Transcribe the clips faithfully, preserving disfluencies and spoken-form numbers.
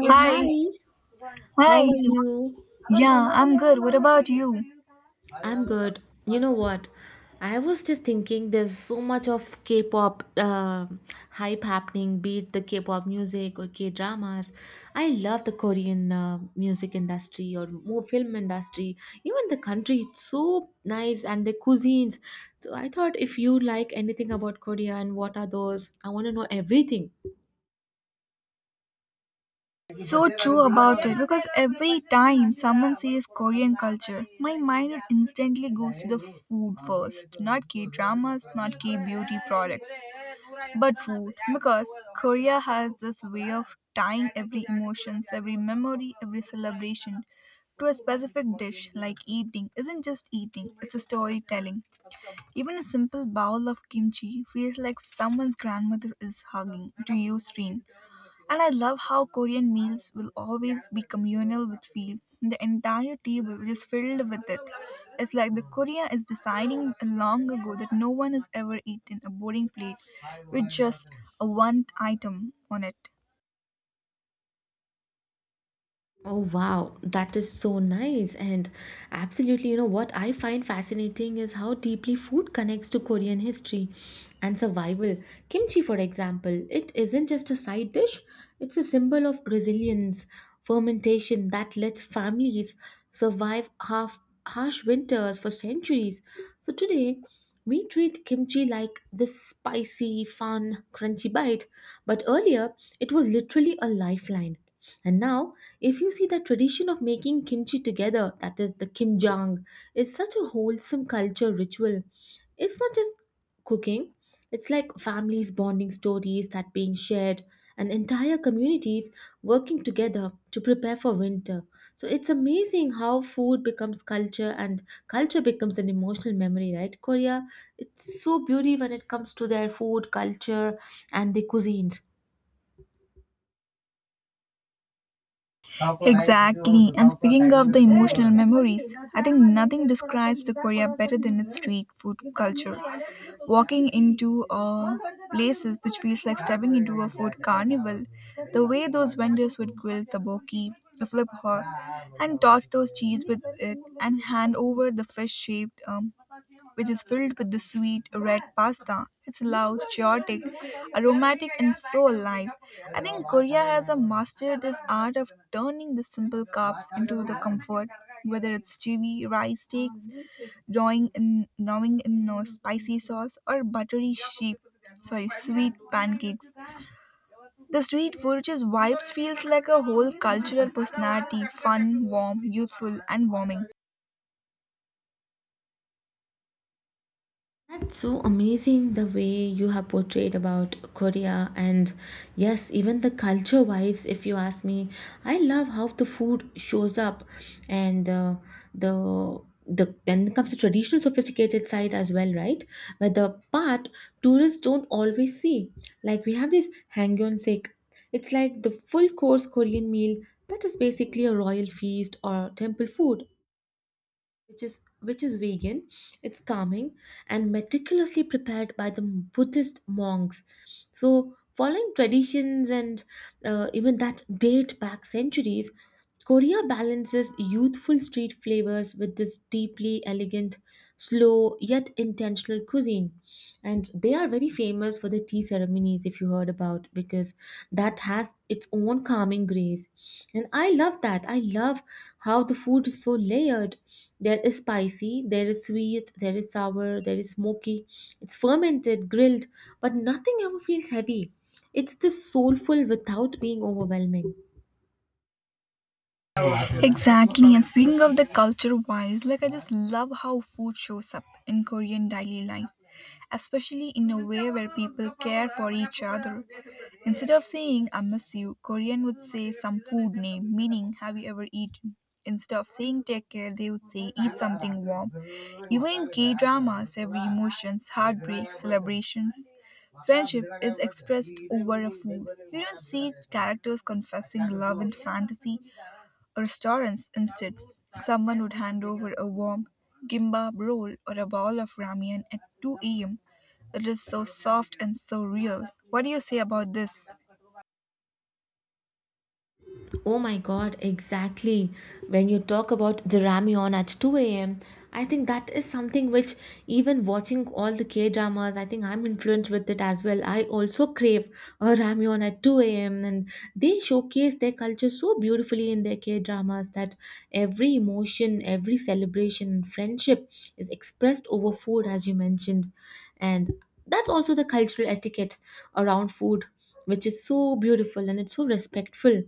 Hey, hi, how hi. are you? Yeah, I'm good. What about you? I'm good. You know what? I was just thinking there's so much of K-pop uh, hype happening, be it the K-pop music or K-dramas. I love the Korean uh, music industry or more film industry. Even the country, it's so nice and the cuisines. So I thought if you like anything about Korea and what are those, I want to know everything. So true about it because every time someone says Korean culture, my mind instantly goes to the food first, not K dramas, not K beauty products, but food because Korea has this way of tying every emotions, every memory, every celebration to a specific dish like eating isn't just eating, it's a storytelling. Even a simple bowl of kimchi feels like someone's grandmother is hugging to you stream. And I love how Korean meals will always be communal with feel. The entire table is filled with it. It's like the Korea is deciding long ago that no one has ever eaten a boring plate with just a one item on it. Oh wow, that is so nice. And absolutely, you know what I find fascinating is how deeply food connects to Korean history and survival. Kimchi, for example, it isn't just a side dish, it's a symbol of resilience, fermentation that let families survive half harsh winters for centuries. So today, we treat kimchi like this spicy, fun, crunchy bite, but earlier it was literally a lifeline. And now, if you see the tradition of making kimchi together, that is the kimjang, is such a wholesome culture ritual. It's not just cooking, it's like families bonding, stories that being shared, and entire communities working together to prepare for winter. So it's amazing how food becomes culture and culture becomes an emotional memory, right? Korea, it's so beauty when it comes to their food, culture, and the cuisines. Exactly. And speaking of the emotional memories, I think nothing describes the Korea better than its street food culture. Walking into uh, places which feels like stepping into a food carnival, the way those vendors would grill tteokbokki, flip hot, and toss those cheese with it, and hand over the fish-shaped um, which is filled with the sweet red pasta. It's loud, chaotic, aromatic, and so alive. I think Korea has a mastered this art of turning the simple carbs into the comfort, whether it's chili, rice steaks, drawing in, gnawing in uh, spicy sauce, or buttery sheep. Sorry, sweet pancakes. The street food's vibes feels like a whole cultural personality, fun, warm, youthful, and warming. That's so amazing the way you have portrayed about Korea, and yes, even the culture wise, if you ask me, I love how the food shows up and uh, the the then comes the traditional sophisticated side as well, right? Where the part tourists don't always see. Like we have this hangyonsek. It's like the full course Korean meal that is basically a royal feast or temple food which is which is vegan, it's calming and meticulously prepared by the Buddhist monks, so following traditions, and uh, even that date back centuries. Korea balances youthful street flavors with this deeply elegant, slow yet intentional cuisine, and they are very famous for the tea ceremonies, if you heard about, because that has its own calming grace. And I love that, I love how the food is so layered. There is spicy, there is sweet, there is sour, there is smoky. It's fermented, grilled, but nothing ever feels heavy. It's this soulful without being overwhelming. Exactly. And speaking of the culture wise, like I just love how food shows up in Korean daily life, especially in a way where people care for each other. Instead of saying I miss you, Korean would say some food name, meaning have you ever eaten? Instead of saying take care, they would say eat something warm. Even in K dramas, every emotions, heartbreak, celebrations, friendship is expressed over a food. You don't see characters confessing love in fantasy, restaurants instead. Someone would hand over a warm gimbap roll or a bowl of ramen at two a m. It is so soft and so real. What do you say about this? Oh my god, exactly. When you talk about the ramyeon at two a m, I think that is something which, even watching all the K dramas, I think I'm influenced with it as well. I also crave a ramyeon at two a m, and they showcase their culture so beautifully in their K dramas that every emotion, every celebration, and friendship is expressed over food, as you mentioned. And that's also the cultural etiquette around food, which is so beautiful, and it's so respectful.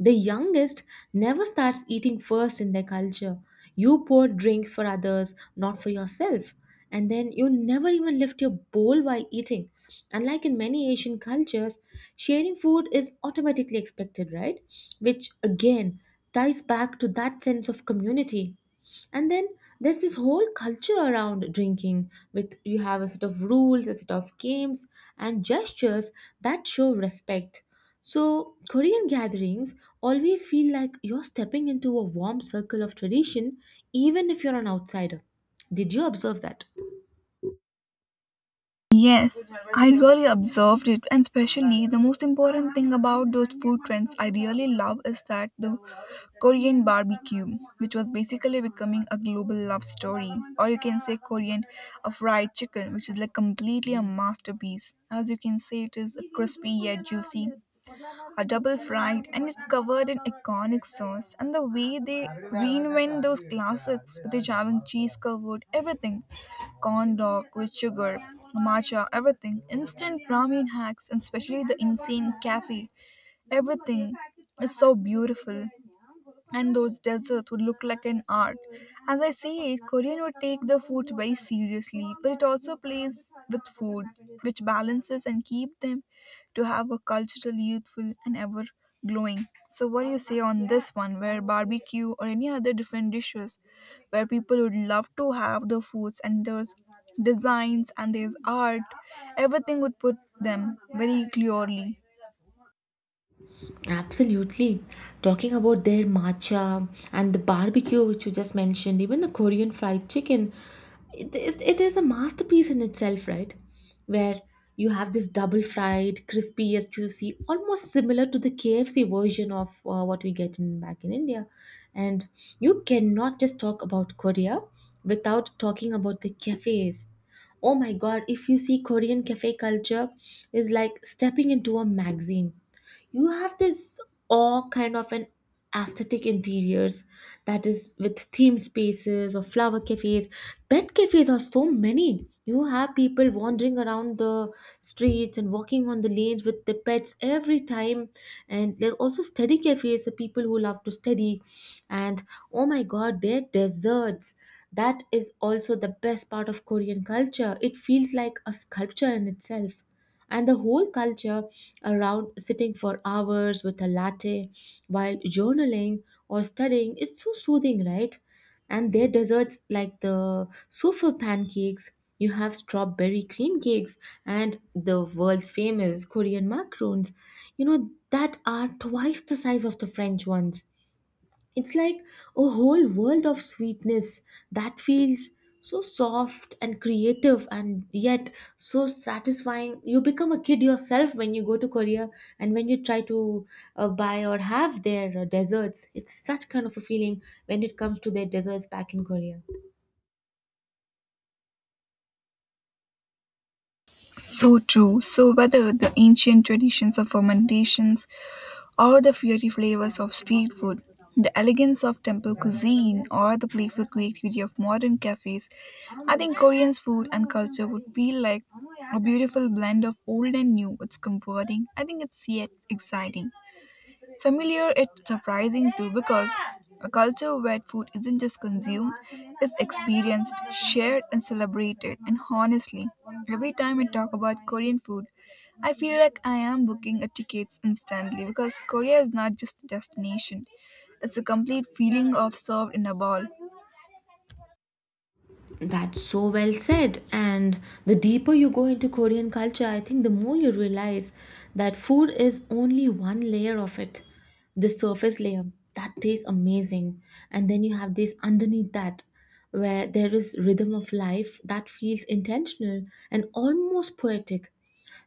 The youngest never starts eating first in their culture. You pour drinks for others, not for yourself, and then you never even lift your bowl while eating. Unlike in many Asian cultures, sharing food is automatically expected, right? Which again ties back to that sense of community. And then there's this whole culture around drinking, with you have a set of rules, a set of games, and gestures that show respect. So Korean gatherings always feel like you're stepping into a warm circle of tradition, even if you're an outsider. Did you observe that? Yes, I really observed it, and especially the most important thing about those food trends I really love is that the Korean barbecue, which was basically becoming a global love story, or you can say Korean a fried chicken, which is like completely a masterpiece. As you can say, it is crispy yet juicy are double fried and it's covered in iconic sauce and the way they reinvent those classics with the jamming cheese covered everything corn dog with sugar matcha everything instant ramen hacks and especially the insane cafe everything is so beautiful and those desserts would look like an art. As I say it, Korean would take the food very seriously, but it also plays with food, which balances and keep them to have a cultural, youthful, and ever glowing. So, what do you say on this one, where barbecue or any other different dishes, where people would love to have the foods and there's designs and there's art, everything would put them very clearly. Absolutely. Talking about their matcha and the barbecue, which you just mentioned, even the Korean fried chicken, it is, it is a masterpiece in itself, right? Where you have this double fried, crispy, yet juicy, almost similar to the K F C version of uh, what we get in back in India. And you cannot just talk about Korea without talking about the cafes. Oh my God! If you see Korean cafe culture, is like stepping into a magazine. You have this awe kind of an aesthetic interiors, that is with themed spaces or flower cafes, pet cafes are so many. You have people wandering around the streets and walking on the lanes with their pets every time, and there are also study cafes for people who love to study. And oh my god, their desserts, that is also the best part of Korean culture. It feels like a sculpture in itself. And the whole culture around sitting for hours with a latte while journaling or studying, it's so soothing, right? And their desserts like the souffle pancakes, you have strawberry cream cakes and the world's famous Korean macarons, you know that are twice the size of the French ones. It's like a whole world of sweetness that feels so soft and creative and yet so satisfying. You become a kid yourself when you go to Korea and when you try to uh, buy or have their uh, desserts. It's such kind of a feeling when it comes to their desserts back in Korea. So true. So whether the ancient traditions of fermentations or the fiery flavors of street food, the elegance of temple cuisine or the playful creativity of modern cafes, I think Korean's food and culture would feel like a beautiful blend of old and new. It's comforting. I think it's yet exciting. Familiar yet surprising too because a culture where food isn't just consumed, it's experienced, shared and celebrated. And honestly, every time I talk about Korean food, I feel like I am booking a tickets instantly because Korea is not just a destination. It's a complete feeling of served in a bowl. That's so well said. And the deeper you go into Korean culture, I think the more you realize that food is only one layer of it, the surface layer. That tastes amazing. And then you have this underneath that, where there is rhythm of life that feels intentional and almost poetic.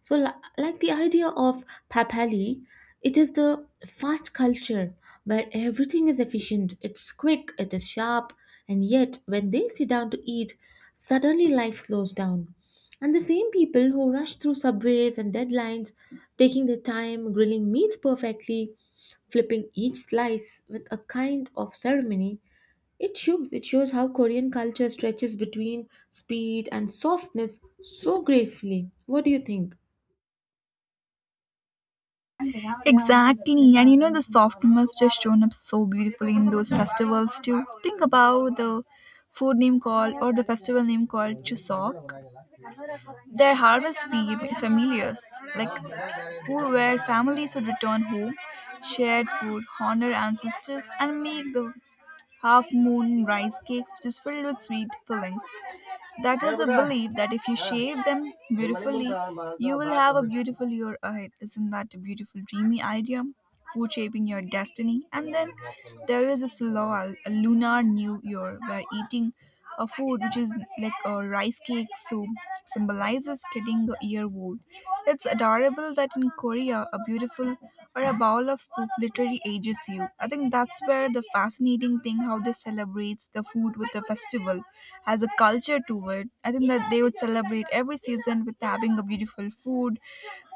So, li- like the idea of papali, it is the fast culture where everything is efficient, it's quick, it is sharp, and yet when they sit down to eat, suddenly life slows down. And the same people who rush through subways and deadlines, taking their time, grilling meat perfectly, flipping each slice with a kind of ceremony, it shows it shows how Korean culture stretches between speed and softness so gracefully. What do you think? Exactly, and you know the softness just shown up so beautifully in those festivals too. Think about the food name called or the festival name called Chuseok. Their harvest were familiars, like who were families would return home, shared food, honor ancestors, and make the half moon rice cakes which is filled with sweet fillings. That is a belief that if you shape them beautifully, you will have a beautiful year ahead. Isn't that a beautiful, dreamy idea? Food shaping your destiny. And then there is this law, a lunar new year, where eating a food which is like a rice cake soup symbolizes getting a year old. It's adorable that in Korea, a beautiful or a bowl of soup literally ages you. I think that's where the fascinating thing how they celebrates the food with the festival has a culture to it. I think that they would celebrate every season with having a beautiful food,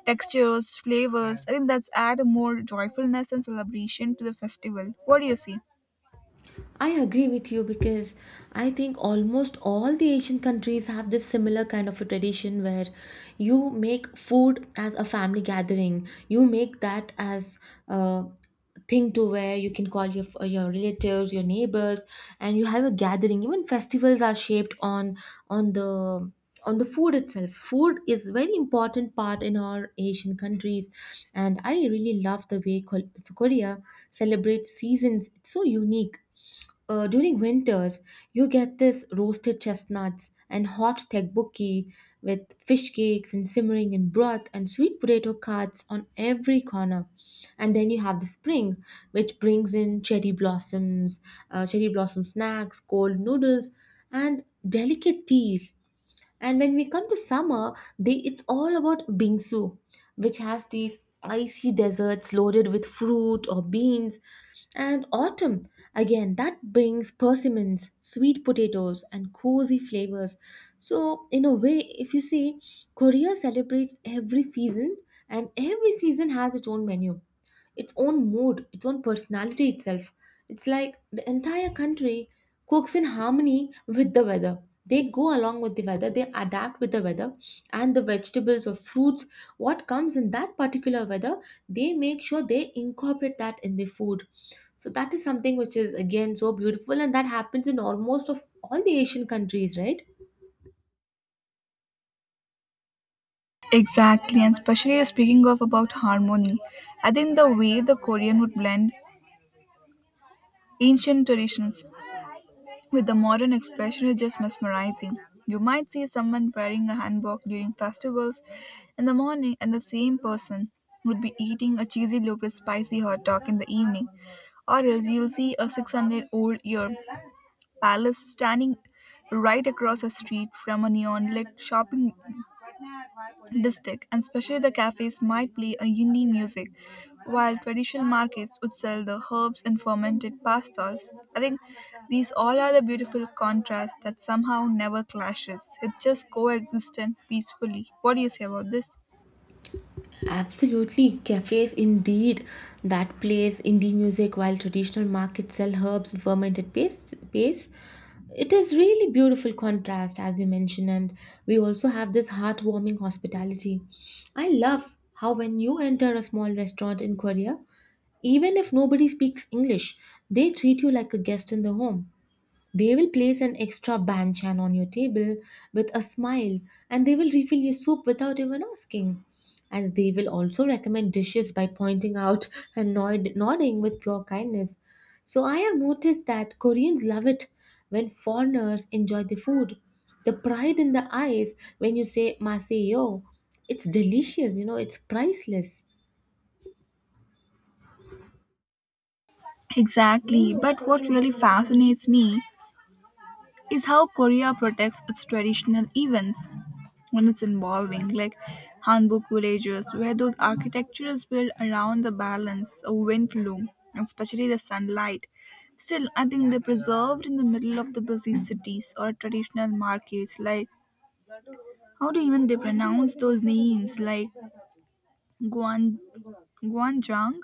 textures, flavors. I think that's add more joyfulness and celebration to the festival. What do you see? I agree with you, because I think almost all the Asian countries have this similar kind of a tradition where you make food as a family gathering. You make that as a thing to where you can call your your relatives, your neighbors, and you have a gathering. Even festivals are shaped on on the on the food itself. Food is very important part in our Asian countries, and I really love the way Kol- korea celebrates seasons. It's so unique. Uh, during winters, you get this roasted chestnuts and hot tteokbokki with fish cakes and simmering in broth, and sweet potato carts on every corner. And then you have the spring, which brings in cherry blossoms, uh, cherry blossom snacks, cold noodles, and delicate teas. And when we come to summer, they, it's all about bingsu, which has these icy deserts loaded with fruit or beans. And autumn, again, that brings persimmons, sweet potatoes, and cozy flavors. So, in a way, if you see, Korea celebrates every season, and every season has its own menu, its own mood, its own personality itself. It's like the entire country cooks in harmony with the weather. They go along with the weather, they adapt with the weather, and the vegetables or fruits, what comes in that particular weather, they make sure they incorporate that in the food. So, that is something which is again so beautiful, and that happens in almost of all the Asian countries, right? Exactly, and especially speaking of about harmony, I think the way the Korean would blend ancient traditions with the modern expression is just mesmerizing. You might see someone wearing a hanbok during festivals in the morning and the same person would be eating a cheesy loaf with spicy hot dog in the evening. Or else you'll see a six hundred-old year palace standing right across a street from a neon-lit shopping district and especially the cafes might play a indie music while traditional markets would sell the herbs and fermented pastas. I think these all are the beautiful contrast that somehow never clashes, it just coexists and peacefully. What do you say about this? Absolutely, cafes indeed that plays indie music while traditional markets sell herbs and fermented paste- pastes. It is really beautiful contrast, as you mentioned, and we also have this heartwarming hospitality. I love how when you enter a small restaurant in Korea, even if nobody speaks English, they treat you like a guest in the home. They will place an extra banchan on your table with a smile, and they will refill your soup without even asking. And they will also recommend dishes by pointing out and nod- nodding with pure kindness. So I have noticed that Koreans love it when foreigners enjoy the food. The pride in the eyes when you say maseyo. It's delicious, you know, It's priceless. Exactly, but what really fascinates me is how Korea protects its traditional events. When it's involving like handbook villages, where those architectures built around the balance of wind flow especially the sunlight still I think they're preserved in the middle of the busy cities or traditional markets like how do even they pronounce those names like guan guanzhang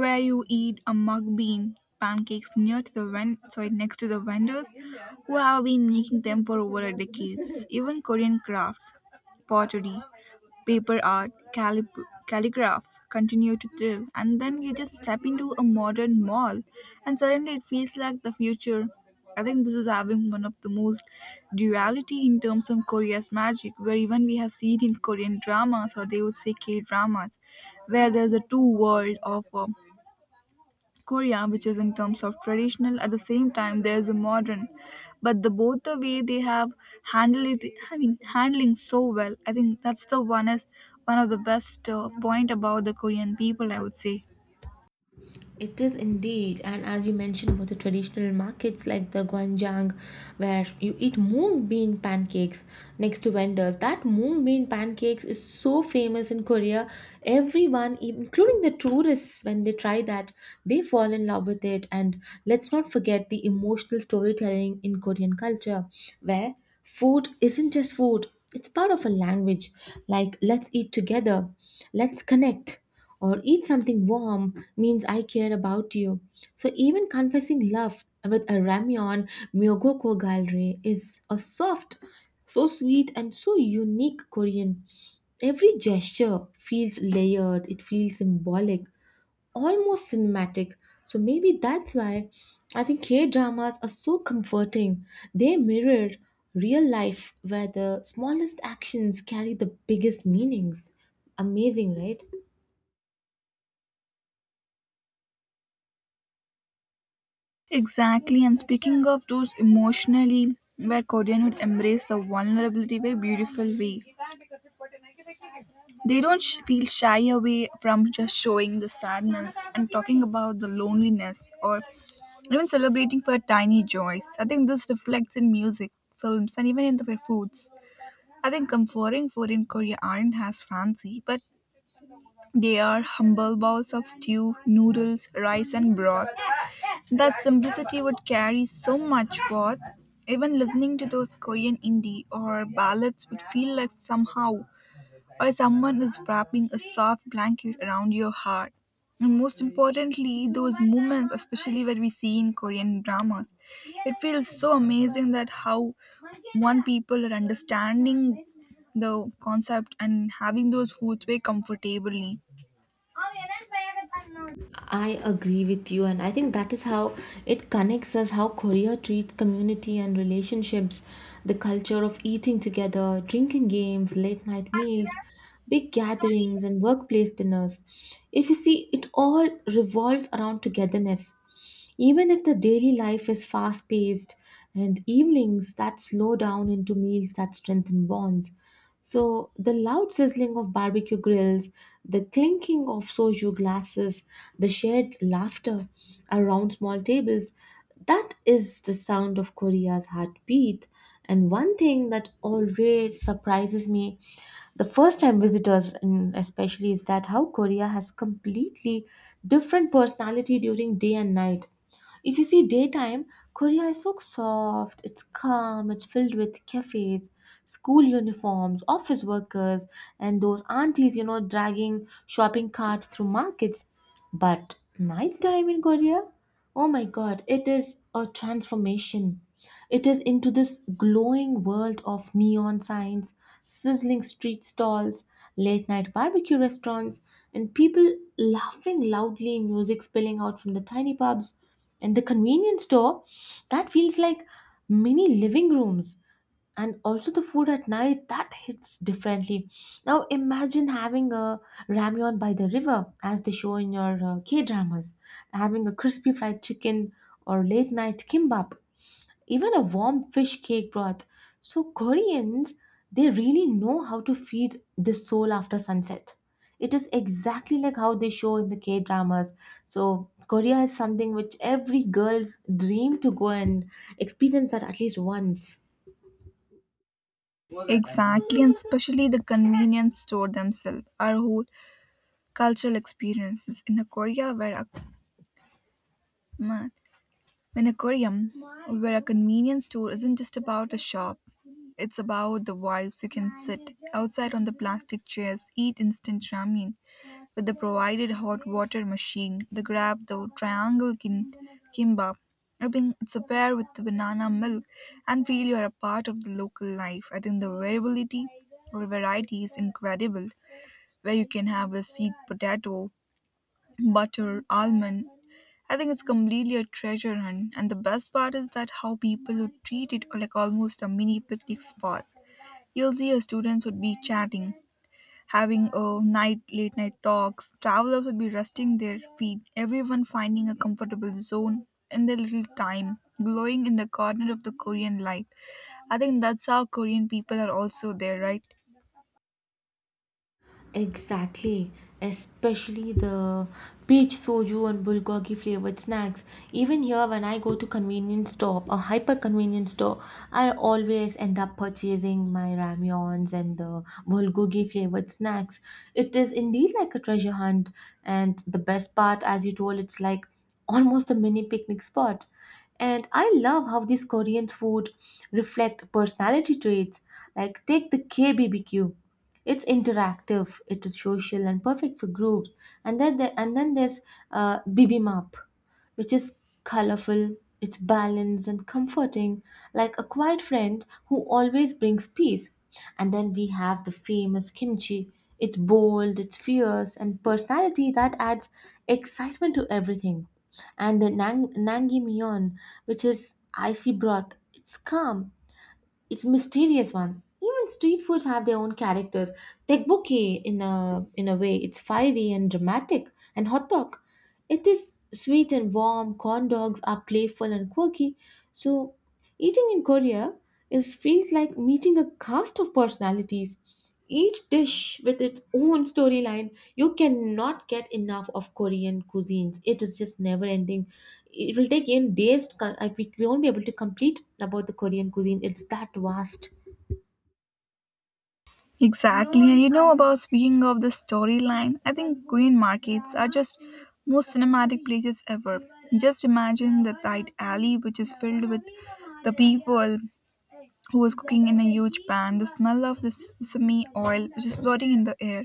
where you eat a mug bean pancakes near to the ven- sorry next to the vendors who have been making them for over a decade. Even Korean crafts, pottery, paper art, calip- calligraph continue to thrive. And then you just step into a modern mall, and suddenly it feels like the future. I think this is having one of the most duality in terms of Korea's magic, where even we have seen in Korean dramas or they would say K dramas, where there's a two world of uh, Korea, which is in terms of traditional, at the same time there's a modern, but the both the way they have handled it, I mean handling so well. I think that's the one is one of the best uh, point about the Korean people. I would say It is indeed, and as you mentioned about the traditional markets like the Gwanjang, where you eat mung bean pancakes next to vendors. That mung bean pancakes is so famous in Korea. Everyone, e- including the tourists, when they try that, they fall in love with it. And let's not forget the emotional storytelling in Korean culture, where food isn't just food; it's part of a language. Like let's eat together, let's connect, or eat something warm means I care about you. So even confessing love with a ramyeon myogoko galre is a soft, so sweet and so unique Korean. Every gesture feels layered, it feels symbolic, almost cinematic. So maybe that's why I think K dramas are so comforting. They mirror real life, where the smallest actions carry the biggest meanings. Amazing, right? exactly. And speaking of those emotionally, where Korean would embrace the vulnerability by beautiful way. They don't sh- feel shy away from just showing the sadness and talking about the loneliness or even celebrating for tiny joys. I think this reflects in music, films, and even in the foods. I think comforting food in Korea aren't as fancy, but they are humble bowls of stew, noodles, rice, and broth. That simplicity would carry so much worth. Even listening to those Korean indie or ballads would feel like somehow or someone is wrapping a soft blanket around your heart. And most importantly, those moments, especially what we see in Korean dramas, it feels so amazing that how one people are understanding the concept and having those foods very comfortably. I agree with you, and I think that is how it connects us, how Korea treats community and relationships. The culture of eating together, drinking games, late night meals, big gatherings, and workplace dinners. If you see, it all revolves around togetherness. Even if the daily life is fast paced, and evenings that slow down into meals that strengthen bonds. So the loud sizzling of barbecue grills, the clinking of soju glasses, the shared laughter around small tables, that is the sound of Korea's heartbeat. And one thing that always surprises me the first time visitors mm, especially is that how Korea has completely different personality during day and night. If you see daytime, Korea is so soft, it's calm, it's filled with cafes, school uniforms, office workers, and those aunties, you know, dragging shopping carts through markets. But nighttime in Korea, oh my god, it is a transformation. It is into this glowing world of neon signs, sizzling street stalls, late night barbecue restaurants, and people laughing loudly, music spilling out from the tiny pubs. And the convenience store, that feels like mini living rooms. And also the food at night, that hits differently. Now imagine having a ramyeon by the river, as they show in your uh, K dramas, having a crispy fried chicken or late night kimbap even a warm fish cake broth. So Koreans, they really know how to feed the soul after sunset. It is exactly like how they show in the K dramas. So Korea is something which every girl's dream to go and experience that at least once. Exactly, and especially the convenience store themselves, our whole cultural experiences in a Korea where a, an aquarium where a convenience store isn't just about a shop. It's about the vibes. You can sit outside on the plastic chairs, eat instant ramen with the provided hot water machine, the grab, the triangle kin- kimbap. I think it's a pair with the banana milk and feel you are a part of the local life. I think the variability or variety is incredible, where you can have a sweet potato butter, almond. I think it's completely a treasure hunt, and the best part is that how people would treat it like almost a mini picnic spot. You'll see uh, students would be chatting, having a night late night talks. Travelers would be resting their feet. Everyone finding a comfortable zone in their little time, glowing in the corner of the Korean light. I think that's how Korean people are also there, right? Exactly, especially the peach soju and bulgogi flavored snacks. Even here, when I go to convenience store, a hyper convenience store, I always end up purchasing my ramyons and the bulgogi flavored snacks. It is indeed like a treasure hunt, and the best part, as you told, it's like almost a mini picnic spot. And I love how these Korean food reflect personality traits. Like take the K B B Q, it's interactive, it is social and perfect for groups, and then there, and then there's uh, bibimap, which is colorful, it's balanced and comforting, like a quiet friend who always brings peace. And then we have the famous kimchi, it's bold, it's fierce, and personality that adds excitement to everything. And the nang- nangimyeon, which is icy broth, it's calm, it's mysterious one. Even street foods have their own characters. Tekbokki in a in a way, it's fiery and dramatic, and hot dog, it is sweet and warm. Corn dogs are playful and quirky. So, eating in Korea is feels like meeting a cast of personalities. Each dish with its own storyline. You cannot get enough of Korean cuisines. It is just never ending, it will take in days co- like we we won't be able to complete about the korean cuisine, it's that vast. Exactly, and you know about speaking of the storyline, I think Korean markets are just most cinematic places ever. Just imagine the tight alley which is filled with the people who was cooking in a huge pan, the smell of the sesame oil which is floating in the air,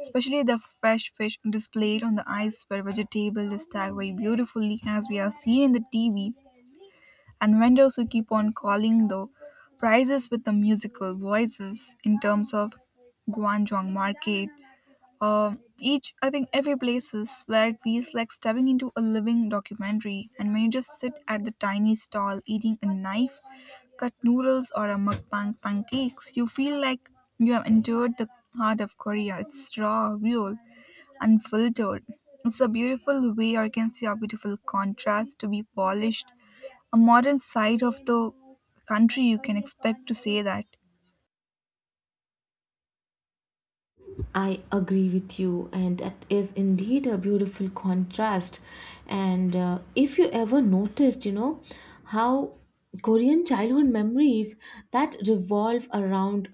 especially the fresh fish displayed on the ice where vegetable is stacked very beautifully as we have seen in the T V and vendors who keep on calling the prices with the musical voices in terms of Guangzhou market um, each, I think, every place is where it feels like stepping into a living documentary. And when you just sit at the tiny stall eating a knife, cut noodles, or a mukbang pancakes, you feel like you have entered the heart of Korea. It's raw, real, unfiltered. It's a beautiful way, or you can see a beautiful contrast to be polished. A modern side of the country, you can expect to say that. I agree with you, and that is indeed a beautiful contrast. And uh, if you ever noticed, you know, how Korean childhood memories that revolve around